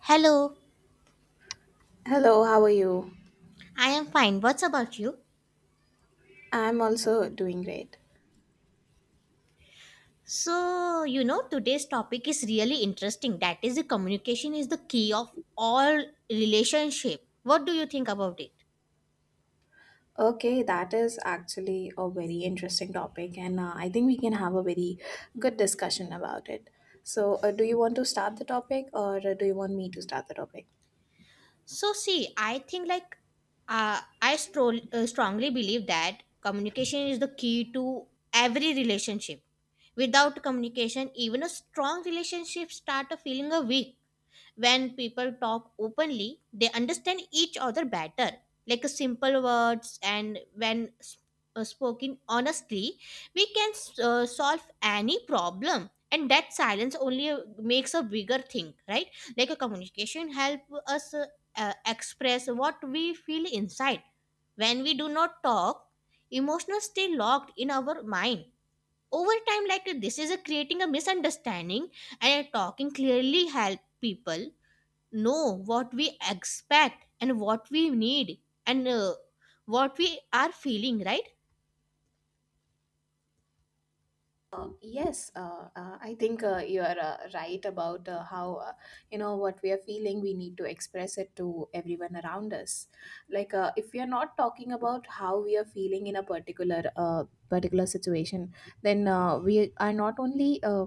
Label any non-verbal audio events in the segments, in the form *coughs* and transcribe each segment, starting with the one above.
Hello, Hello, how are you? I am fine. What's about you? I'm also doing great. So, today's topic is really interesting. That is, the communication is the key of all relationship. What do you think about it? Okay, that is actually a very interesting topic, and I think we can have a very good discussion about it. So, do you want to start the topic, or do you want me to start the topic? So, see, I think like I strongly believe that communication is the key to every relationship. Without communication, even a strong relationship start a feeling a weak when people talk openly they understand each other better, like simple words, and when spoken honestly we can solve any problem, and that silence only makes a bigger thing, right? Like a communication help us express what we feel inside. When we do not talk, emotions stay locked in our mind over time, like this is a creating a misunderstanding, and talking clearly help people know what we expect and what we need and what we are feeling, right? Yes, I think you are right about how you know what we are feeling. We need to express it to everyone around us. Like, if we are not talking about how we are feeling in a particular particular situation, then we are not only uh,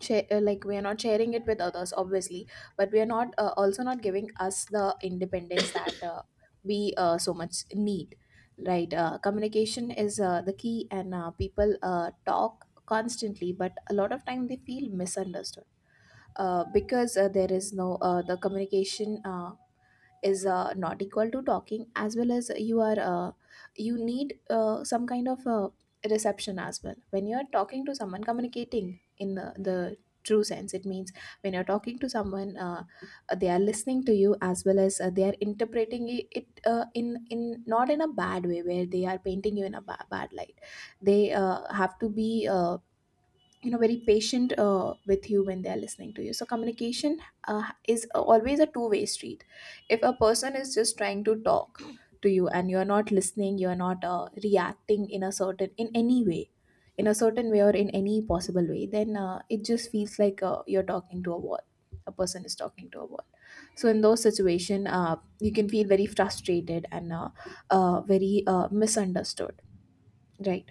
share, uh, like we are not sharing it with others obviously, but we are not also not giving us the independence that we so much need, right. Communication is the key, and people talk constantly, but a lot of time they feel misunderstood, because there is no the communication is not equal to talking. As well as you are you need some kind of reception as well when you are talking to someone, communicating in the true sense. It means when you're talking to someone, they are listening to you, as well as they are interpreting it, in not in a bad way where they are painting you in a bad light. They have to be, you know, very patient with you when they are listening to you. So communication is always a two-way street. If a person is just trying to talk to you and you're not listening, you're not reacting in any way, in a certain way or in any possible way, then it just feels like you're talking to a wall, a person is talking to a wall. So in those situation, you can feel very frustrated and very misunderstood, right.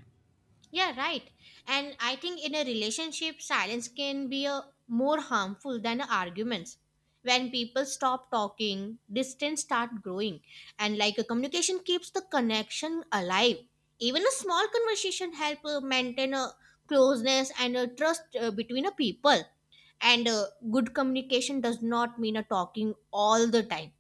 Yeah, right. And I think in a relationship, silence can be a more harmful than arguments. When people stop talking, distance start growing, and like a communication keeps the connection alive. Even a small conversation help maintain a closeness and a trust between a people. And good communication does not mean a talking all the time.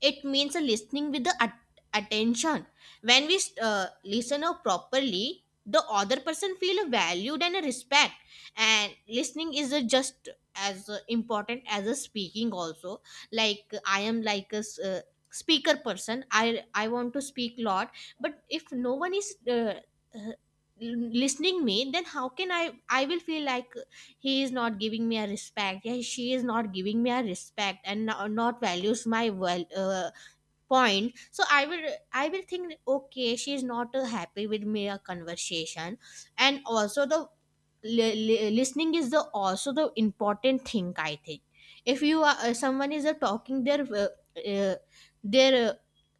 It means a listening with the attention. When we listen out properly, the other person feel valued and a respect. And listening is a just as important as a speaking also. Like I am like a speaker person, I want to speak lot. But if no one is uh, listening me, then how can I will feel like he is not giving me a respect, yeah, she is not giving me a respect and not values my well point. So I will think, okay, she is not happy with me a conversation. And also the listening is the also the important thing, I think. If you are someone is talking uh, their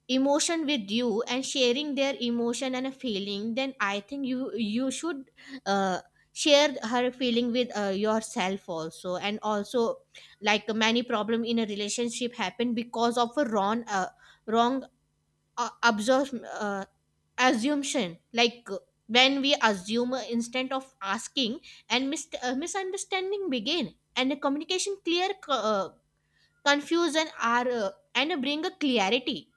emotion with you and sharing their emotion and a feeling, then I think you should uh, share her feeling with yourself also. And also like many problem in a relationship happen because of a wrong uh, absorb, uh, assumption. Like when we assume instead of asking, and misunderstanding begin, and the communication clear confusion are and bring a clarity.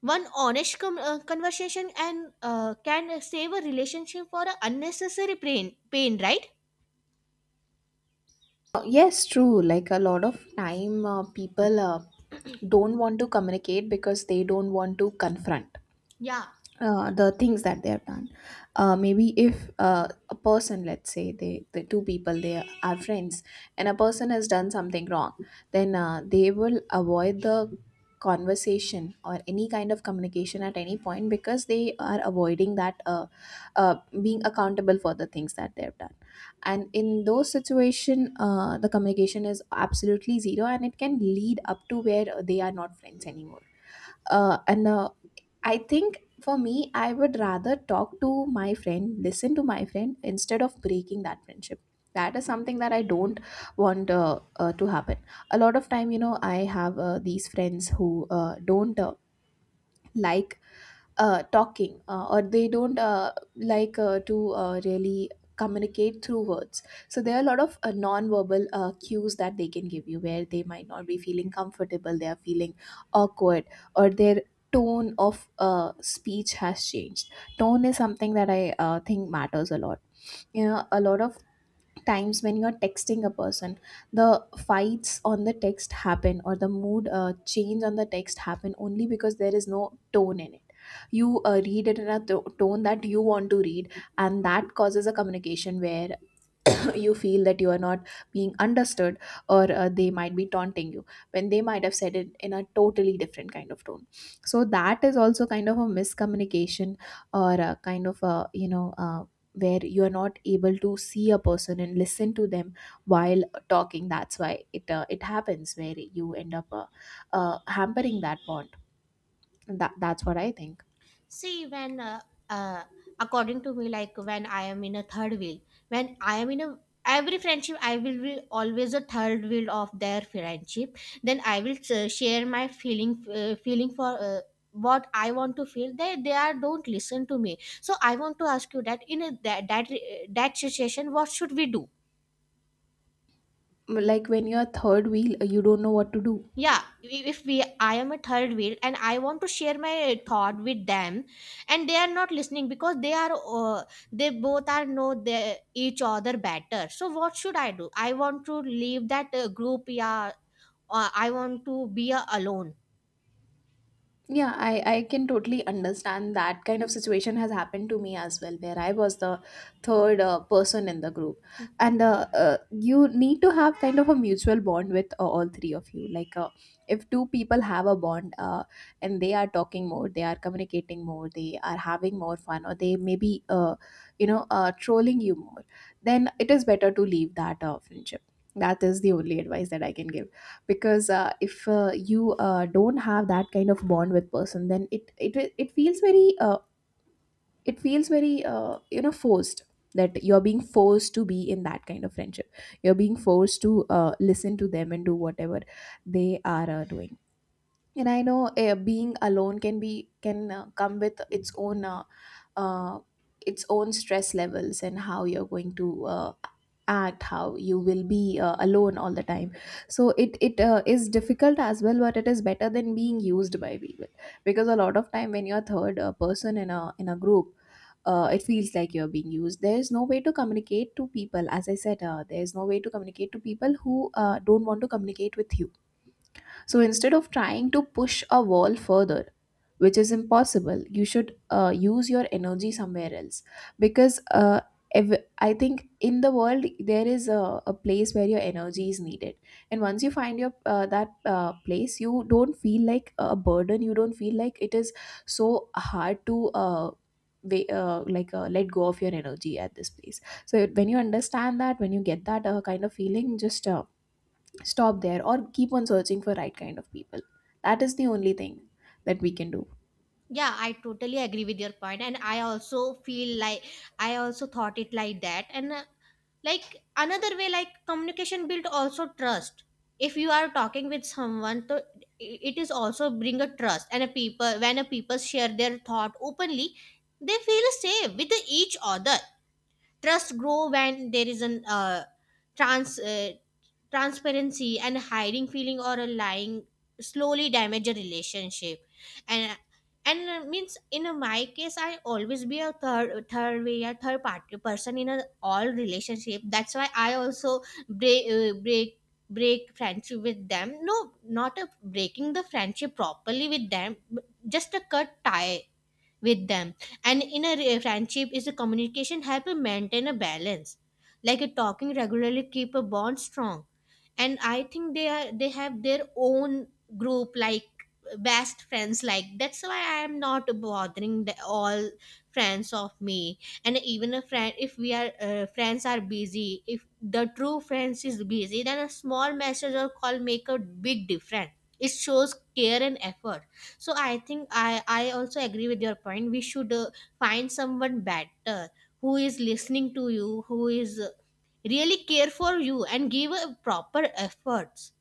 One honest conversation and can save a relationship for a unnecessary pain, right? Yes, true. Like a lot of time, people don't want to communicate because they don't want to confront Yeah. The things that they have done. Maybe if a person, let's say, the two people, they are friends, and a person has done something wrong, then they will avoid the conversation or any kind of communication at any point because they are avoiding that, uh, being accountable for the things that they have done. And in those situation, the communication is absolutely zero, and it can lead up to where they are not friends anymore. And I think for me, I would rather talk to my friend, listen to my friend, instead of breaking that friendship. That is something that I don't want, to happen. A lot of time, you know, I have these friends who don't like talking, or they don't like to really communicate through words. So there are a lot of non-verbal cues that they can give you where they might not be feeling comfortable, they are feeling awkward, or their tone of speech has changed. Tone is something that I think matters a lot. You know, a lot of times when you're texting a person, the fights on the text happen, or the mood change on the text happen only because there is no tone in it. You read it in a tone that you want to read, and that causes a communication where *coughs* *clears throat* you feel that you are not being understood, or they might be taunting you when they might have said it in a totally different kind of tone. So that is also kind of a miscommunication, or a kind of a, you know, where you are not able to see a person and listen to them while talking. That's why it it happens where you end up hampering that bond. That that's what I think. See, when uh, according to me, like when I am in a third wheel, when I am in a every friendship, I will be always a third wheel of their friendship. Then I will share my feeling, feeling for. What I want to feel, they are don't listen to me, so I want to ask you that, in that situation, what should we do? Like when you're third wheel you don't know what to do. Yeah, I- if we I am a third wheel and I want to share my thought with them, and they are not listening because uh, they both are know the each other better, so what should I do? I want to leave that group. Yeah, I want to be alone. Yeah, I can totally understand that kind of situation has happened to me as well, where I was the third person in the group. And you need to have kind of a mutual bond with all three of you. Like, if two people have a bond and they are talking more, they are communicating more, they are having more fun, or they may be, you know, trolling you more, then it is better to leave that friendship. That is the only advice that I can give, because if you don't have that kind of bond with person, then it feels very it feels very, you know, forced, that you're being forced to be in that kind of friendship, you're being forced to listen to them and do whatever they are doing. And I know being alone can be, can come with its own, uh, its own stress levels, and how you're going to act, how you will be alone all the time. So it is difficult as well, but it is better than being used by people, because a lot of time when you're third person in a group, it feels like you're being used. There is no way to communicate to people. As I said, there is no way to communicate to people who don't want to communicate with you. So instead of trying to push a wall further, which is impossible, you should use your energy somewhere else. Because I think in the world, there is a place where your energy is needed. And once you find your that place, you don't feel like a burden. You don't feel like it is so hard to. Like, let go of your energy at this place. So when you understand that, when you get that kind of feeling, just stop there, or keep on searching for right kind of people. That is the only thing that we can do. Yeah, I totally agree with your point and I also feel like, I also thought it like that. And like another way, like communication build also trust. If you are talking with someone to it is also bring a trust. And a people, when a people share their thought openly, they feel safe with each other. Trust grow when there is an trans uh, transparency, and hiding feeling or a lying slowly damage a relationship. And and means in my case, I always be a third third way a third party person in a all relationship, that's why I also break uh, break break friendship with them. No, not a breaking the friendship properly with them, but just a cut tie with them. And in a friendship, is a communication help you maintain a balance. Like a talking regularly keep a bond strong. And I think they have their own group, like best friends, like that's why I am not bothering the all friends of me. And even a friend, if we are friends are busy, if the true friends is busy, then a small message or call make a big difference. It shows care and effort. So I think, I also agree with your point. We should find someone better, who is listening to you, who is really care for you and give a proper efforts.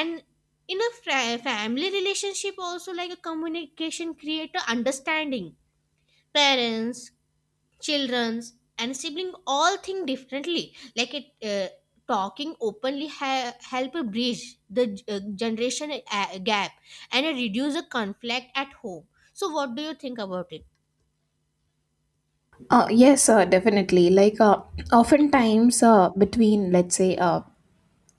And in a family relationship also, like a communication create a understanding. Parents, children's and sibling all think differently. Like it uh, talking openly help bridge the generation gap and reduce the conflict at home. So what do you think about it? Yes, definitely, like, oftentimes, between, let's say,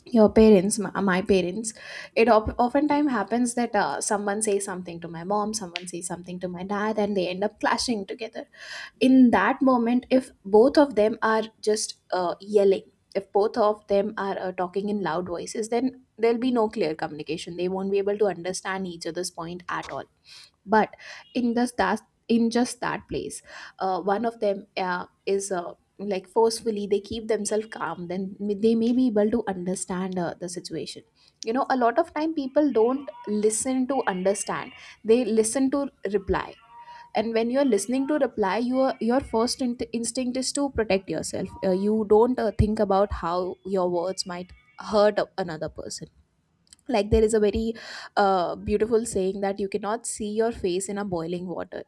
your parents, my parents, it oftentimes happens that someone says something to my mom, someone says something to my dad, and they end up clashing together. In that moment, if both of them are just yelling, if both of them are talking in loud voices, then there'll be no clear communication, they won't be able to understand each other's point at all. But in this that in just that place, one of them is like, forcefully they keep themselves calm, then they may be able to understand the situation. You know, a lot of time people don't listen to understand, they listen to reply. And when you're listening to reply, your first instinct is to protect yourself. You don't think about how your words might hurt another person. Like there is a very beautiful saying that you cannot see your face in a boiling water.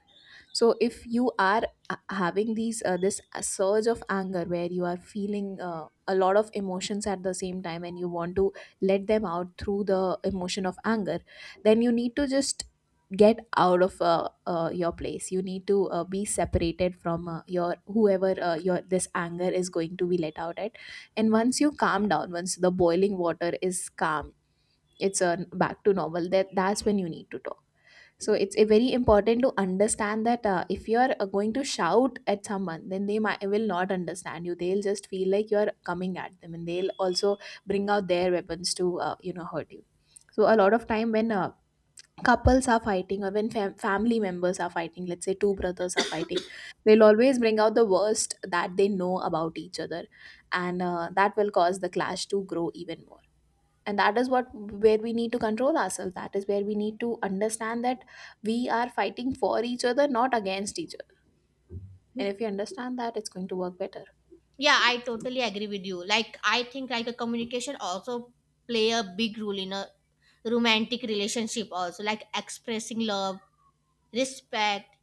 So if you are having these this surge of anger where you are feeling a lot of emotions at the same time, and you want to let them out through the emotion of anger, then you need to just get out of your place. You need to be separated from your, whoever your this anger is going to be let out at. And once you calm down, once the boiling water is calm, it's back to normal. That that's when you need to talk. So it's very important to understand that, if you're going to shout at someone, then they will not understand you. They'll just feel like you're coming at them, and they'll also bring out their weapons to, you know, hurt you. So a lot of time when couples are fighting, or when family members are fighting, let's say two brothers are fighting, they'll always bring out the worst that they know about each other, and that will cause the clash to grow even more. And that is what, where we need to control ourselves, that is where we need to understand that we are fighting for each other, not against each other. And if you understand that, it's going to work better. Yeah, I totally agree with you. Like I think like a communication also play a big role in a romantic relationship also, like expressing love, respect,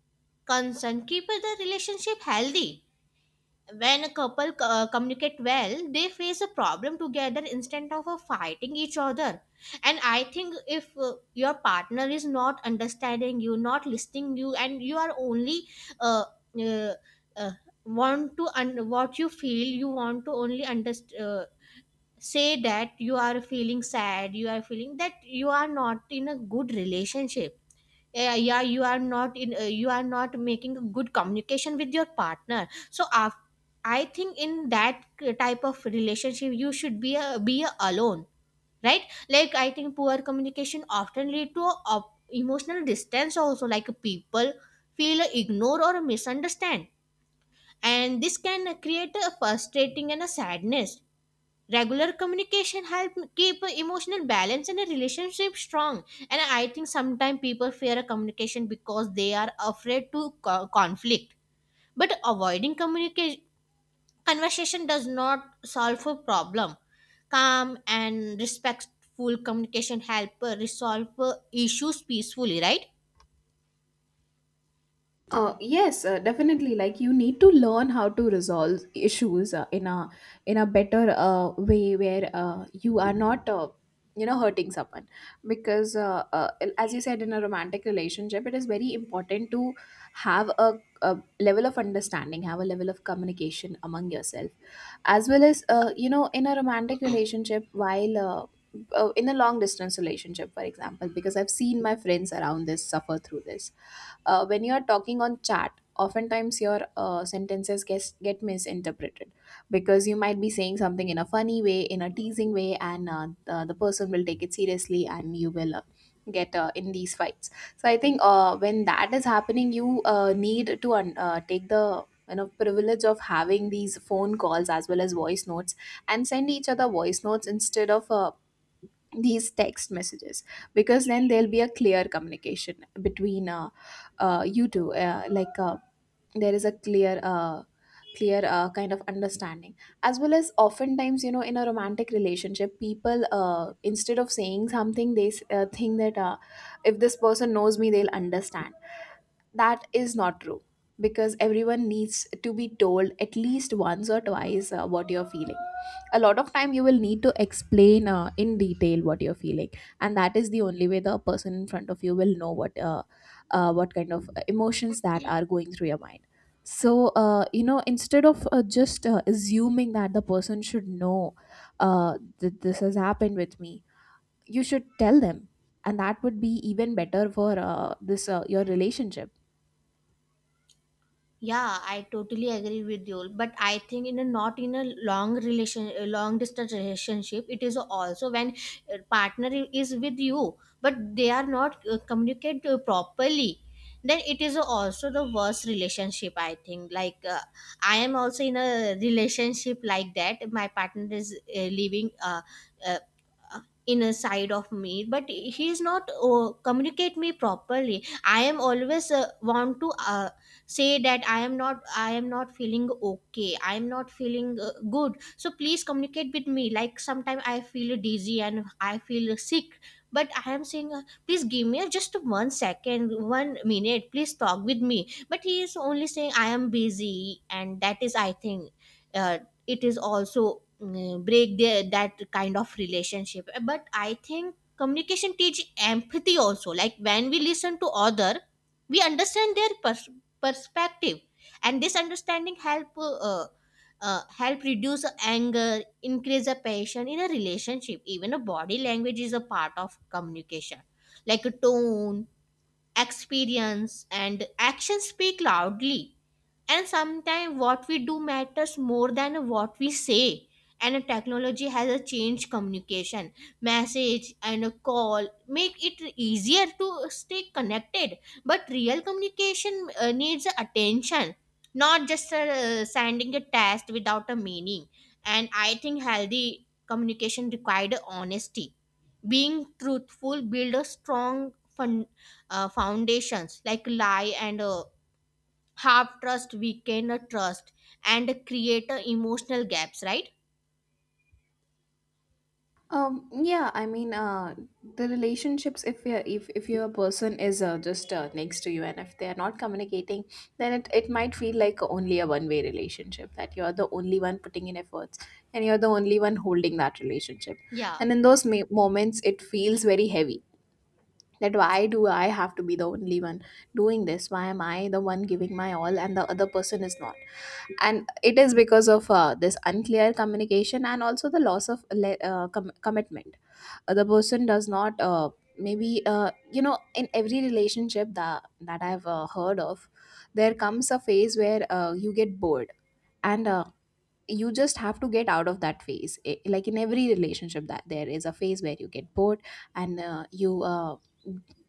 concern, keep the relationship healthy. When a couple communicate well, they face a problem together instead of fighting each other. And I think if your partner is not understanding you, not listening you, and you are only uh, uh, uh, what you feel, you want to only understand, say that you are feeling sad, you are feeling that you are not in a good relationship. Yeah, yeah, you are not making a good communication with your partner. So, I think in that type of relationship you should be a alone, right? Like I think poor communication often lead to a, emotional distance also. Like people feel ignored or misunderstand, and this can create a frustrating and a sadness. Regular communication help keep emotional balance and a relationship strong. And I think sometimes people fear a communication because they are afraid to conflict. But avoiding communication conversation does not solve a problem. Calm and respectful communication help resolve issues peacefully, right? Yes, definitely. Like you need to learn how to resolve issues in a better way where you are not you know hurting someone because as you said in a romantic relationship, it is very important to have a level of understanding, have a level of communication among yourself, as well as you know in a romantic relationship while. In a long distance relationship, for example, because I've seen my friends around this suffer through this, when you are talking on chat, oftentimes your sentences get misinterpreted because you might be saying something in a funny way, in a teasing way, and the person will take it seriously and you will get in these fights. So I think when that is happening, you need to take the you know privilege of having these phone calls as well as voice notes, and send each other voice notes instead of these text messages, because then there'll be a clear communication between you two, there is a clear kind of understanding. As well as oftentimes you know in a romantic relationship people instead of saying something they think that if this person knows me, they'll understand. That is not true, because everyone needs to be told at least once or twice what you're feeling. A lot of time you will need to explain in detail what you're feeling, and that is the only way the person in front of you will know what what kind of emotions that are going through your mind. So you know instead of just assuming that the person should know that this has happened with me, you should tell them, and that would be even better for this your relationship. Yeah, I totally agree with you. But I think in a, not in a long relation, a long distance relationship, it is also when partner is with you, but they are not communicate properly, then it is also the worst relationship, I think. Like I am also in a relationship like that. My partner is living uh, uh, in a side of me, but he is not communicate me properly. I am always want to say that I am not feeling okay, I am not feeling good, so please communicate with me. Like sometimes I feel dizzy and I feel sick, but I am saying, please give me just one second, one minute, please talk with me, but he is only saying, I am busy. And that is, I think uh, it is also, break their that kind of relationship. But I think communication teach empathy also, like when we listen to other we understand their perspective, and this understanding help reduce anger, increase a passion in a relationship. Even a body language is a part of communication, like a tone, experience and action speak loudly, and sometimes what we do matters more than what we say. And a technology has a changed communication, message and a call make it easier to stay connected, but real communication needs attention, not just sending a text without a meaning. And I think healthy communication required honesty. Being truthful build a strong foundations. Like lie and half trust, we cannot trust and create a emotional gaps, right? Yeah, I mean, the relationships, if you're, if your person is just next to you and if they are not communicating, then it might feel like only a one way relationship, that you're the only one putting in efforts and you're the only one holding that relationship. Yeah. And in those moments, it feels very heavy, that why do I have to be the only one doing this? Why am I the one giving my all and the other person is not? And it is because of this unclear communication and also the loss of commitment. The person does not maybe you know in every relationship that I've heard of, there comes a phase where you get bored, and you just have to get out of that phase. I like in every relationship that there is a phase where you get bored, and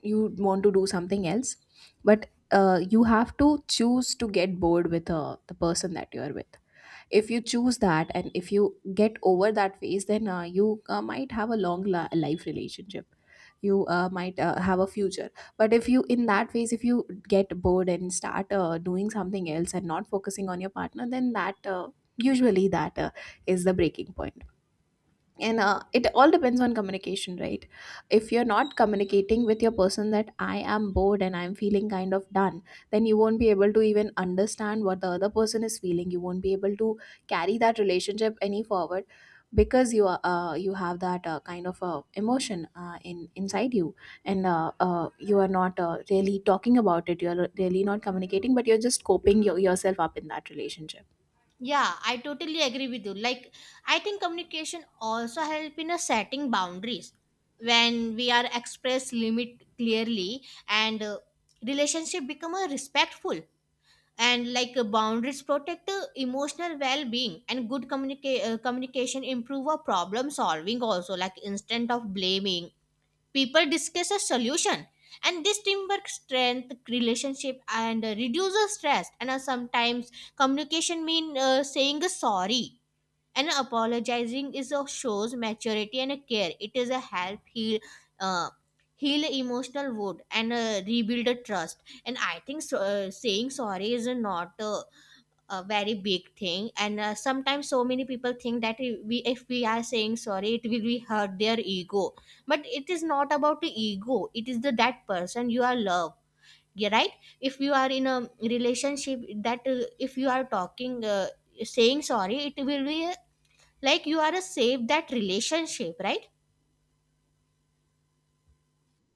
you want to do something else, but you have to choose to get bored with the person that you are with. If you choose that and if you get over that phase, then you might have a long life relationship, you might have a future. But if you in that phase, if you get bored and start doing something else and not focusing on your partner, then that usually that is the breaking point. And it all depends on communication, right? If you're not communicating with your person that I am bored and I'm feeling kind of done, then you won't be able to even understand what the other person is feeling. You won't be able to carry that relationship any forward, because you are you have that kind of emotion in inside you, and you are not really talking about it. You're really not communicating, but you're just coping yourself up in that relationship. Yeah, I totally agree with you. Like I think communication also help in a setting boundaries. When we are express limit clearly, and relationship become a respectful. And like boundaries protect emotional well-being, and good communication improve a problem solving also. Like instead of blaming, people discuss a solution, and this teamwork strength relationship and reduces stress. And sometimes communication mean saying sorry. And apologizing is a shows maturity and a care, it is a help heal uh, heal emotional wound and rebuild a trust. And I think so, saying sorry is not a very big thing. And sometimes so many people think that, I- we if we are saying sorry, it will be hurt their ego. But it is not about the ego, it is the that person you are love, yeah, right. If you are in a relationship that if you are talking, saying sorry, it will be like you are a save that relationship, right?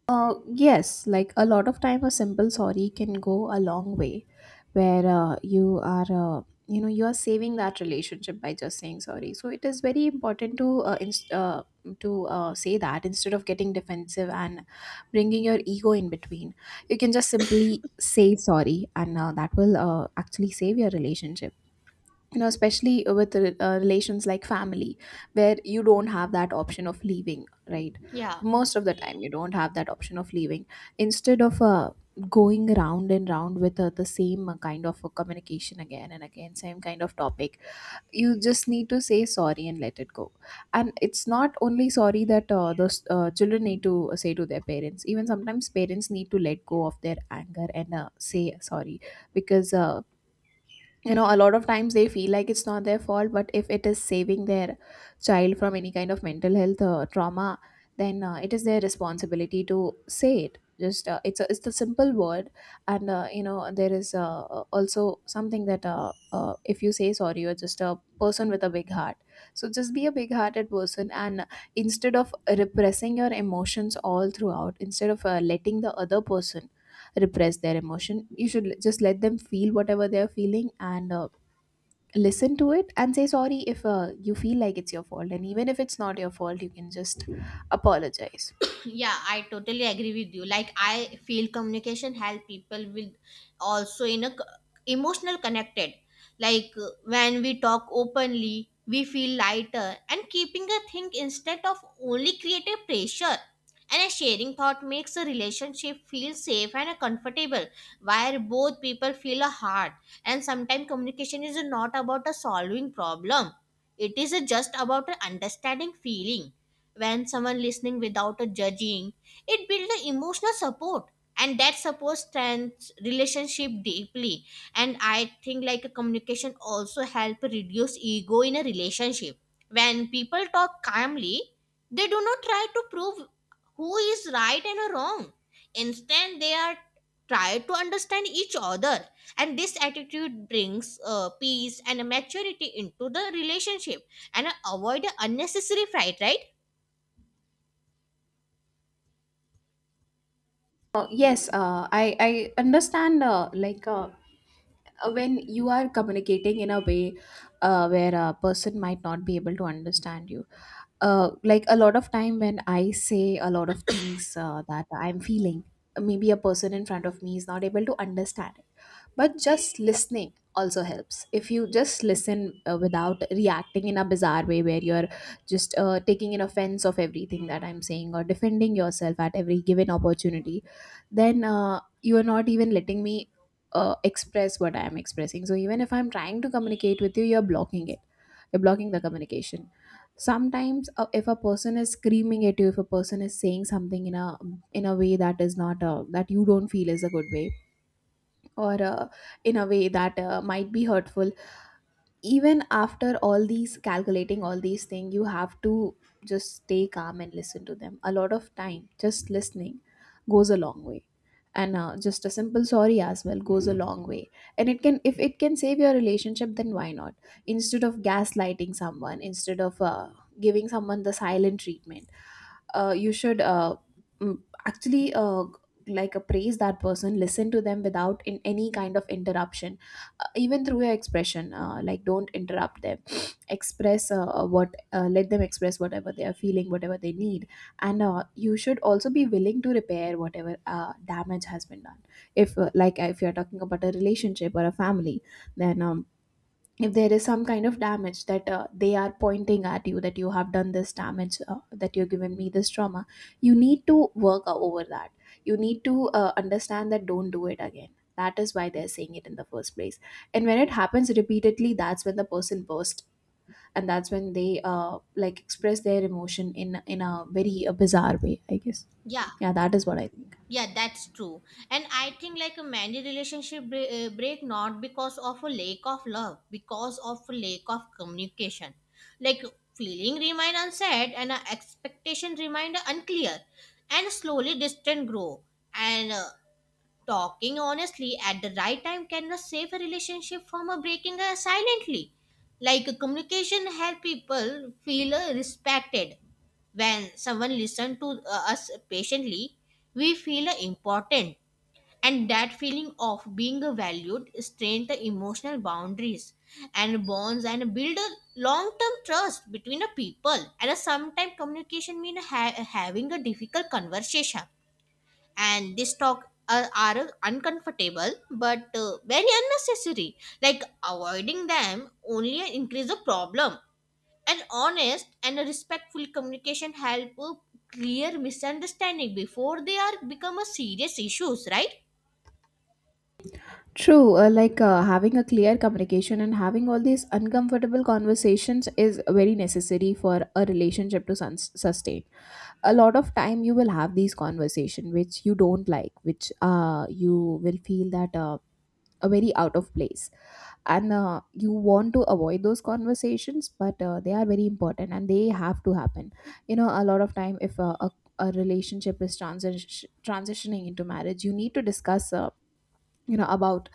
Yes, like a lot of time, a simple sorry can go a long way, where you know, you are saving that relationship by just saying sorry. So it is very important to say that instead of getting defensive and bringing your ego in between. You can just simply say sorry, and that will actually save your relationship, you know, especially with relations like family, where you don't have that option of leaving, right? Yeah. Most of the time you don't have that option of leaving. Instead of going round and round with the same kind of communication again and again, same kind of topic, you just need to say sorry and let it go. And it's not only sorry that the children need to say to their parents. Even sometimes parents need to let go of their anger and say sorry, because you know a lot of times they feel like it's not their fault, but if it is saving their child from any kind of mental health trauma, then it is their responsibility to say it. Just it's it's the simple word. And you know there is also something that if you say sorry, you're just a person with a big heart. So just be a big hearted person, and instead of repressing your emotions all throughout, instead of letting the other person repress their emotion. You should just let them feel whatever they're feeling, and listen to it and say sorry if you feel like it's your fault. And even if it's not your fault, you can just apologize. Yeah, I totally agree with you. Like I feel communication help people with also in a emotional connected. Like when we talk openly we feel lighter, and keeping a thing instead of only creative pressure, and a sharing thought makes a relationship feel safe and comfortable, where both people feel a heart. And sometimes communication is not about a solving problem, it is just about understanding feeling. When someone listening without a judging, it builds a emotional support, and that support strengthens relationship deeply. And I think like a communication also help reduce ego in a relationship. When people talk calmly, they do not try to prove who is right and wrong, instead they are try to understand each other, and this attitude brings peace and maturity into the relationship and avoid unnecessary fight, right? Yes, I understand when you are communicating in a way where a person might not be able to understand you, like a lot of time when I say a lot of things that I'm feeling, maybe a person in front of me is not able to understand it. But just listening also helps. If you just listen without reacting in a bizarre way, where you're just taking an offense of everything that I'm saying, or defending yourself at every given opportunity, then you are not even letting me express what I am expressing. So even if I'm trying to communicate with you, you're blocking it. You're blocking the communication. Sometimes if a person is screaming at you, if a person is saying something in a way that is not that you don't feel is a good way, or in a way that might be hurtful, even after all these, calculating all these things, you have to just stay calm and listen to them. A lot of time just listening goes a long way. And just a simple sorry as well goes a long way. And it can, if it can save your relationship, then why not? Instead of gaslighting someone, instead of giving someone the silent treatment, you should mm, actually like appraise that person, listen to them without in any kind of interruption. Even through your expression, like don't interrupt them. *sniffs* express what let them express whatever they are feeling, whatever they need. And you should also be willing to repair whatever damage has been done. If like if you're talking about a relationship or a family, then if there is some kind of damage that they are pointing at you, that you have done this damage, that you've given me this trauma, you need to work over that. You need to understand that don't do it again. That is why they're saying it in the first place. And when it happens repeatedly, that's when the person bursts. And that's when they like express their emotion in a very bizarre way, I guess. Yeah. Yeah, that is what I think. Yeah, that's true. And I think like many relationship break, not because of a lack of love, because of a lack of communication. Like feeling remain unsaid, and expectation remain unclear, and slowly distance grow. And talking honestly at the right time can save a relationship from a breaking silently. Like communication help people feel respected. When someone listens to us patiently, we feel important. And that feeling of being valued strengthens emotional boundaries and bonds and build a long-term trust between the people. And sometimes communication means having a difficult conversation, and this talk are uncomfortable but very unnecessary, like avoiding them only increase the problem. An honest and a respectful communication help clear misunderstanding before they are become a serious issues, right? True, having a clear communication and having all these uncomfortable conversations is very necessary for a relationship to sustain. A lot of time you will have these conversations which you don't like, which you will feel that are very out of place, and you want to avoid those conversations, but they are very important and they have to happen. You know, a lot of time if a a relationship is transitioning into marriage, you need to discuss you know about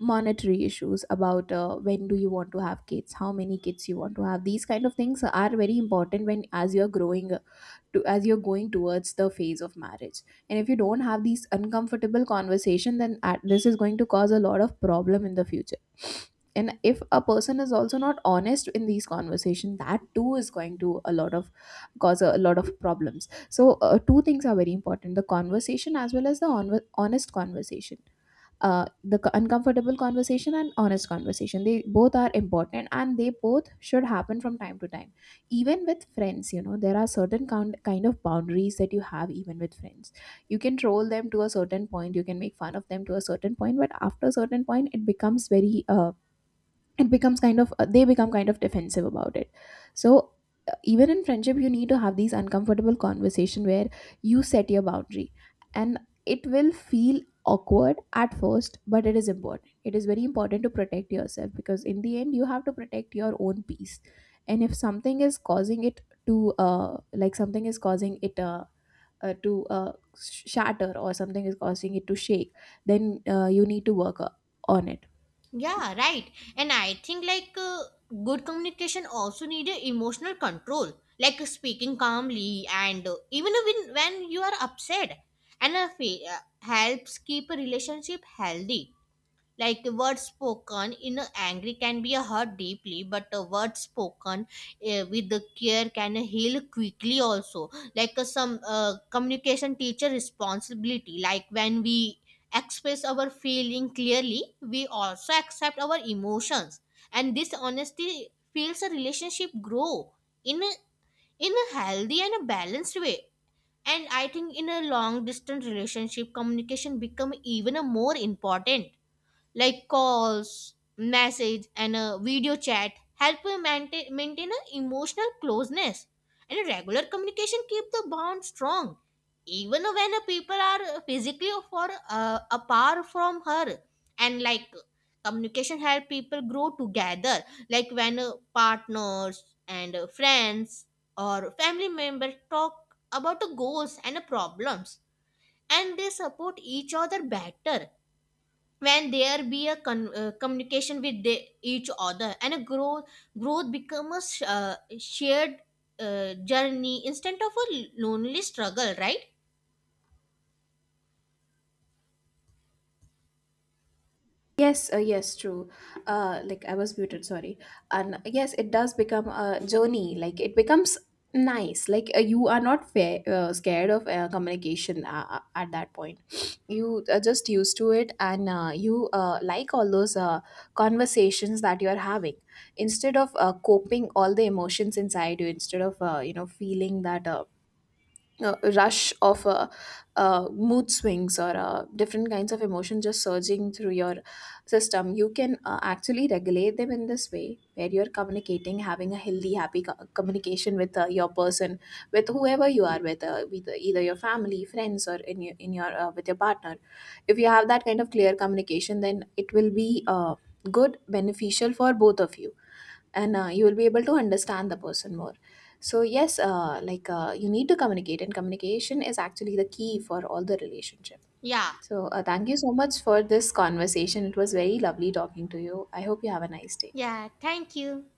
monetary issues, about when do you want to have kids, how many kids you want to have. These kind of things are very important when as you're growing to as you're going towards the phase of marriage. And if you don't have these uncomfortable conversation, then this is going to cause a lot of problem in the future. And if a person is also not honest in these conversation, that too is going to a lot of cause a lot of problems. So two things are very important: the conversation as well as the honest conversation. The uncomfortable conversation and honest conversation, they both are important and they both should happen from time to time. Even with friends, you know, there are certain kind of boundaries that you have even with friends. You can troll them to a certain point, you can make fun of them to a certain point, but after a certain point it becomes very it becomes kind of they become kind of defensive about it. So even in friendship you need to have these uncomfortable conversation where you set your boundary, and it will feel awkward at first, but it is important, it is very important to protect yourself, because in the end you have to protect your own peace. And if something is causing it to like something is causing it to shatter, or something is causing it to shake, then you need to work on it. Yeah, right. And I think like good communication also need a emotional control, like speaking calmly and even when you are upset and a helps keep a relationship healthy. Like a word spoken in a angry can be hurt deeply, but a word spoken with the care can heal quickly. Also, like some communication teacher responsibility, like when we express our feeling clearly we also accept our emotions, and this honesty feels a relationship grow in a, in a healthy and a balanced way. And I think in a long distance relationship communication become even a more important, like calls, message, and a video chat help you maintain an emotional closeness. And regular communication keep the bond strong, even when a people are physically far apart from her. And like communication help people grow together, like when partners and friends or family members talk about the goals and the problems, and they support each other better. When there be a communication with each other and a growth becomes a shared journey instead of a lonely struggle, right? Yes, yes, true. Like I was muted, sorry. And yes, it does become a journey. Like it becomes nice. Like you are not scared of communication at that point. *sniffs* You are just used to it, and you like all those conversations that you are having. Instead of coping all the emotions inside you, instead of you know feeling that. Rush of mood swings, or different kinds of emotion just surging through your system, you can actually regulate them in this way, where you're communicating, having a healthy happy communication with your person, with whoever you are with either your family, friends, or in in your with your partner. If you have that kind of clear communication, then it will be good, beneficial for both of you, and you will be able to understand the person more. So yes, you need to communicate, and communication is actually the key for all the relationship. Yeah. So thank you so much for this conversation. It was very lovely talking to you. I hope you have a nice day. Yeah, thank you.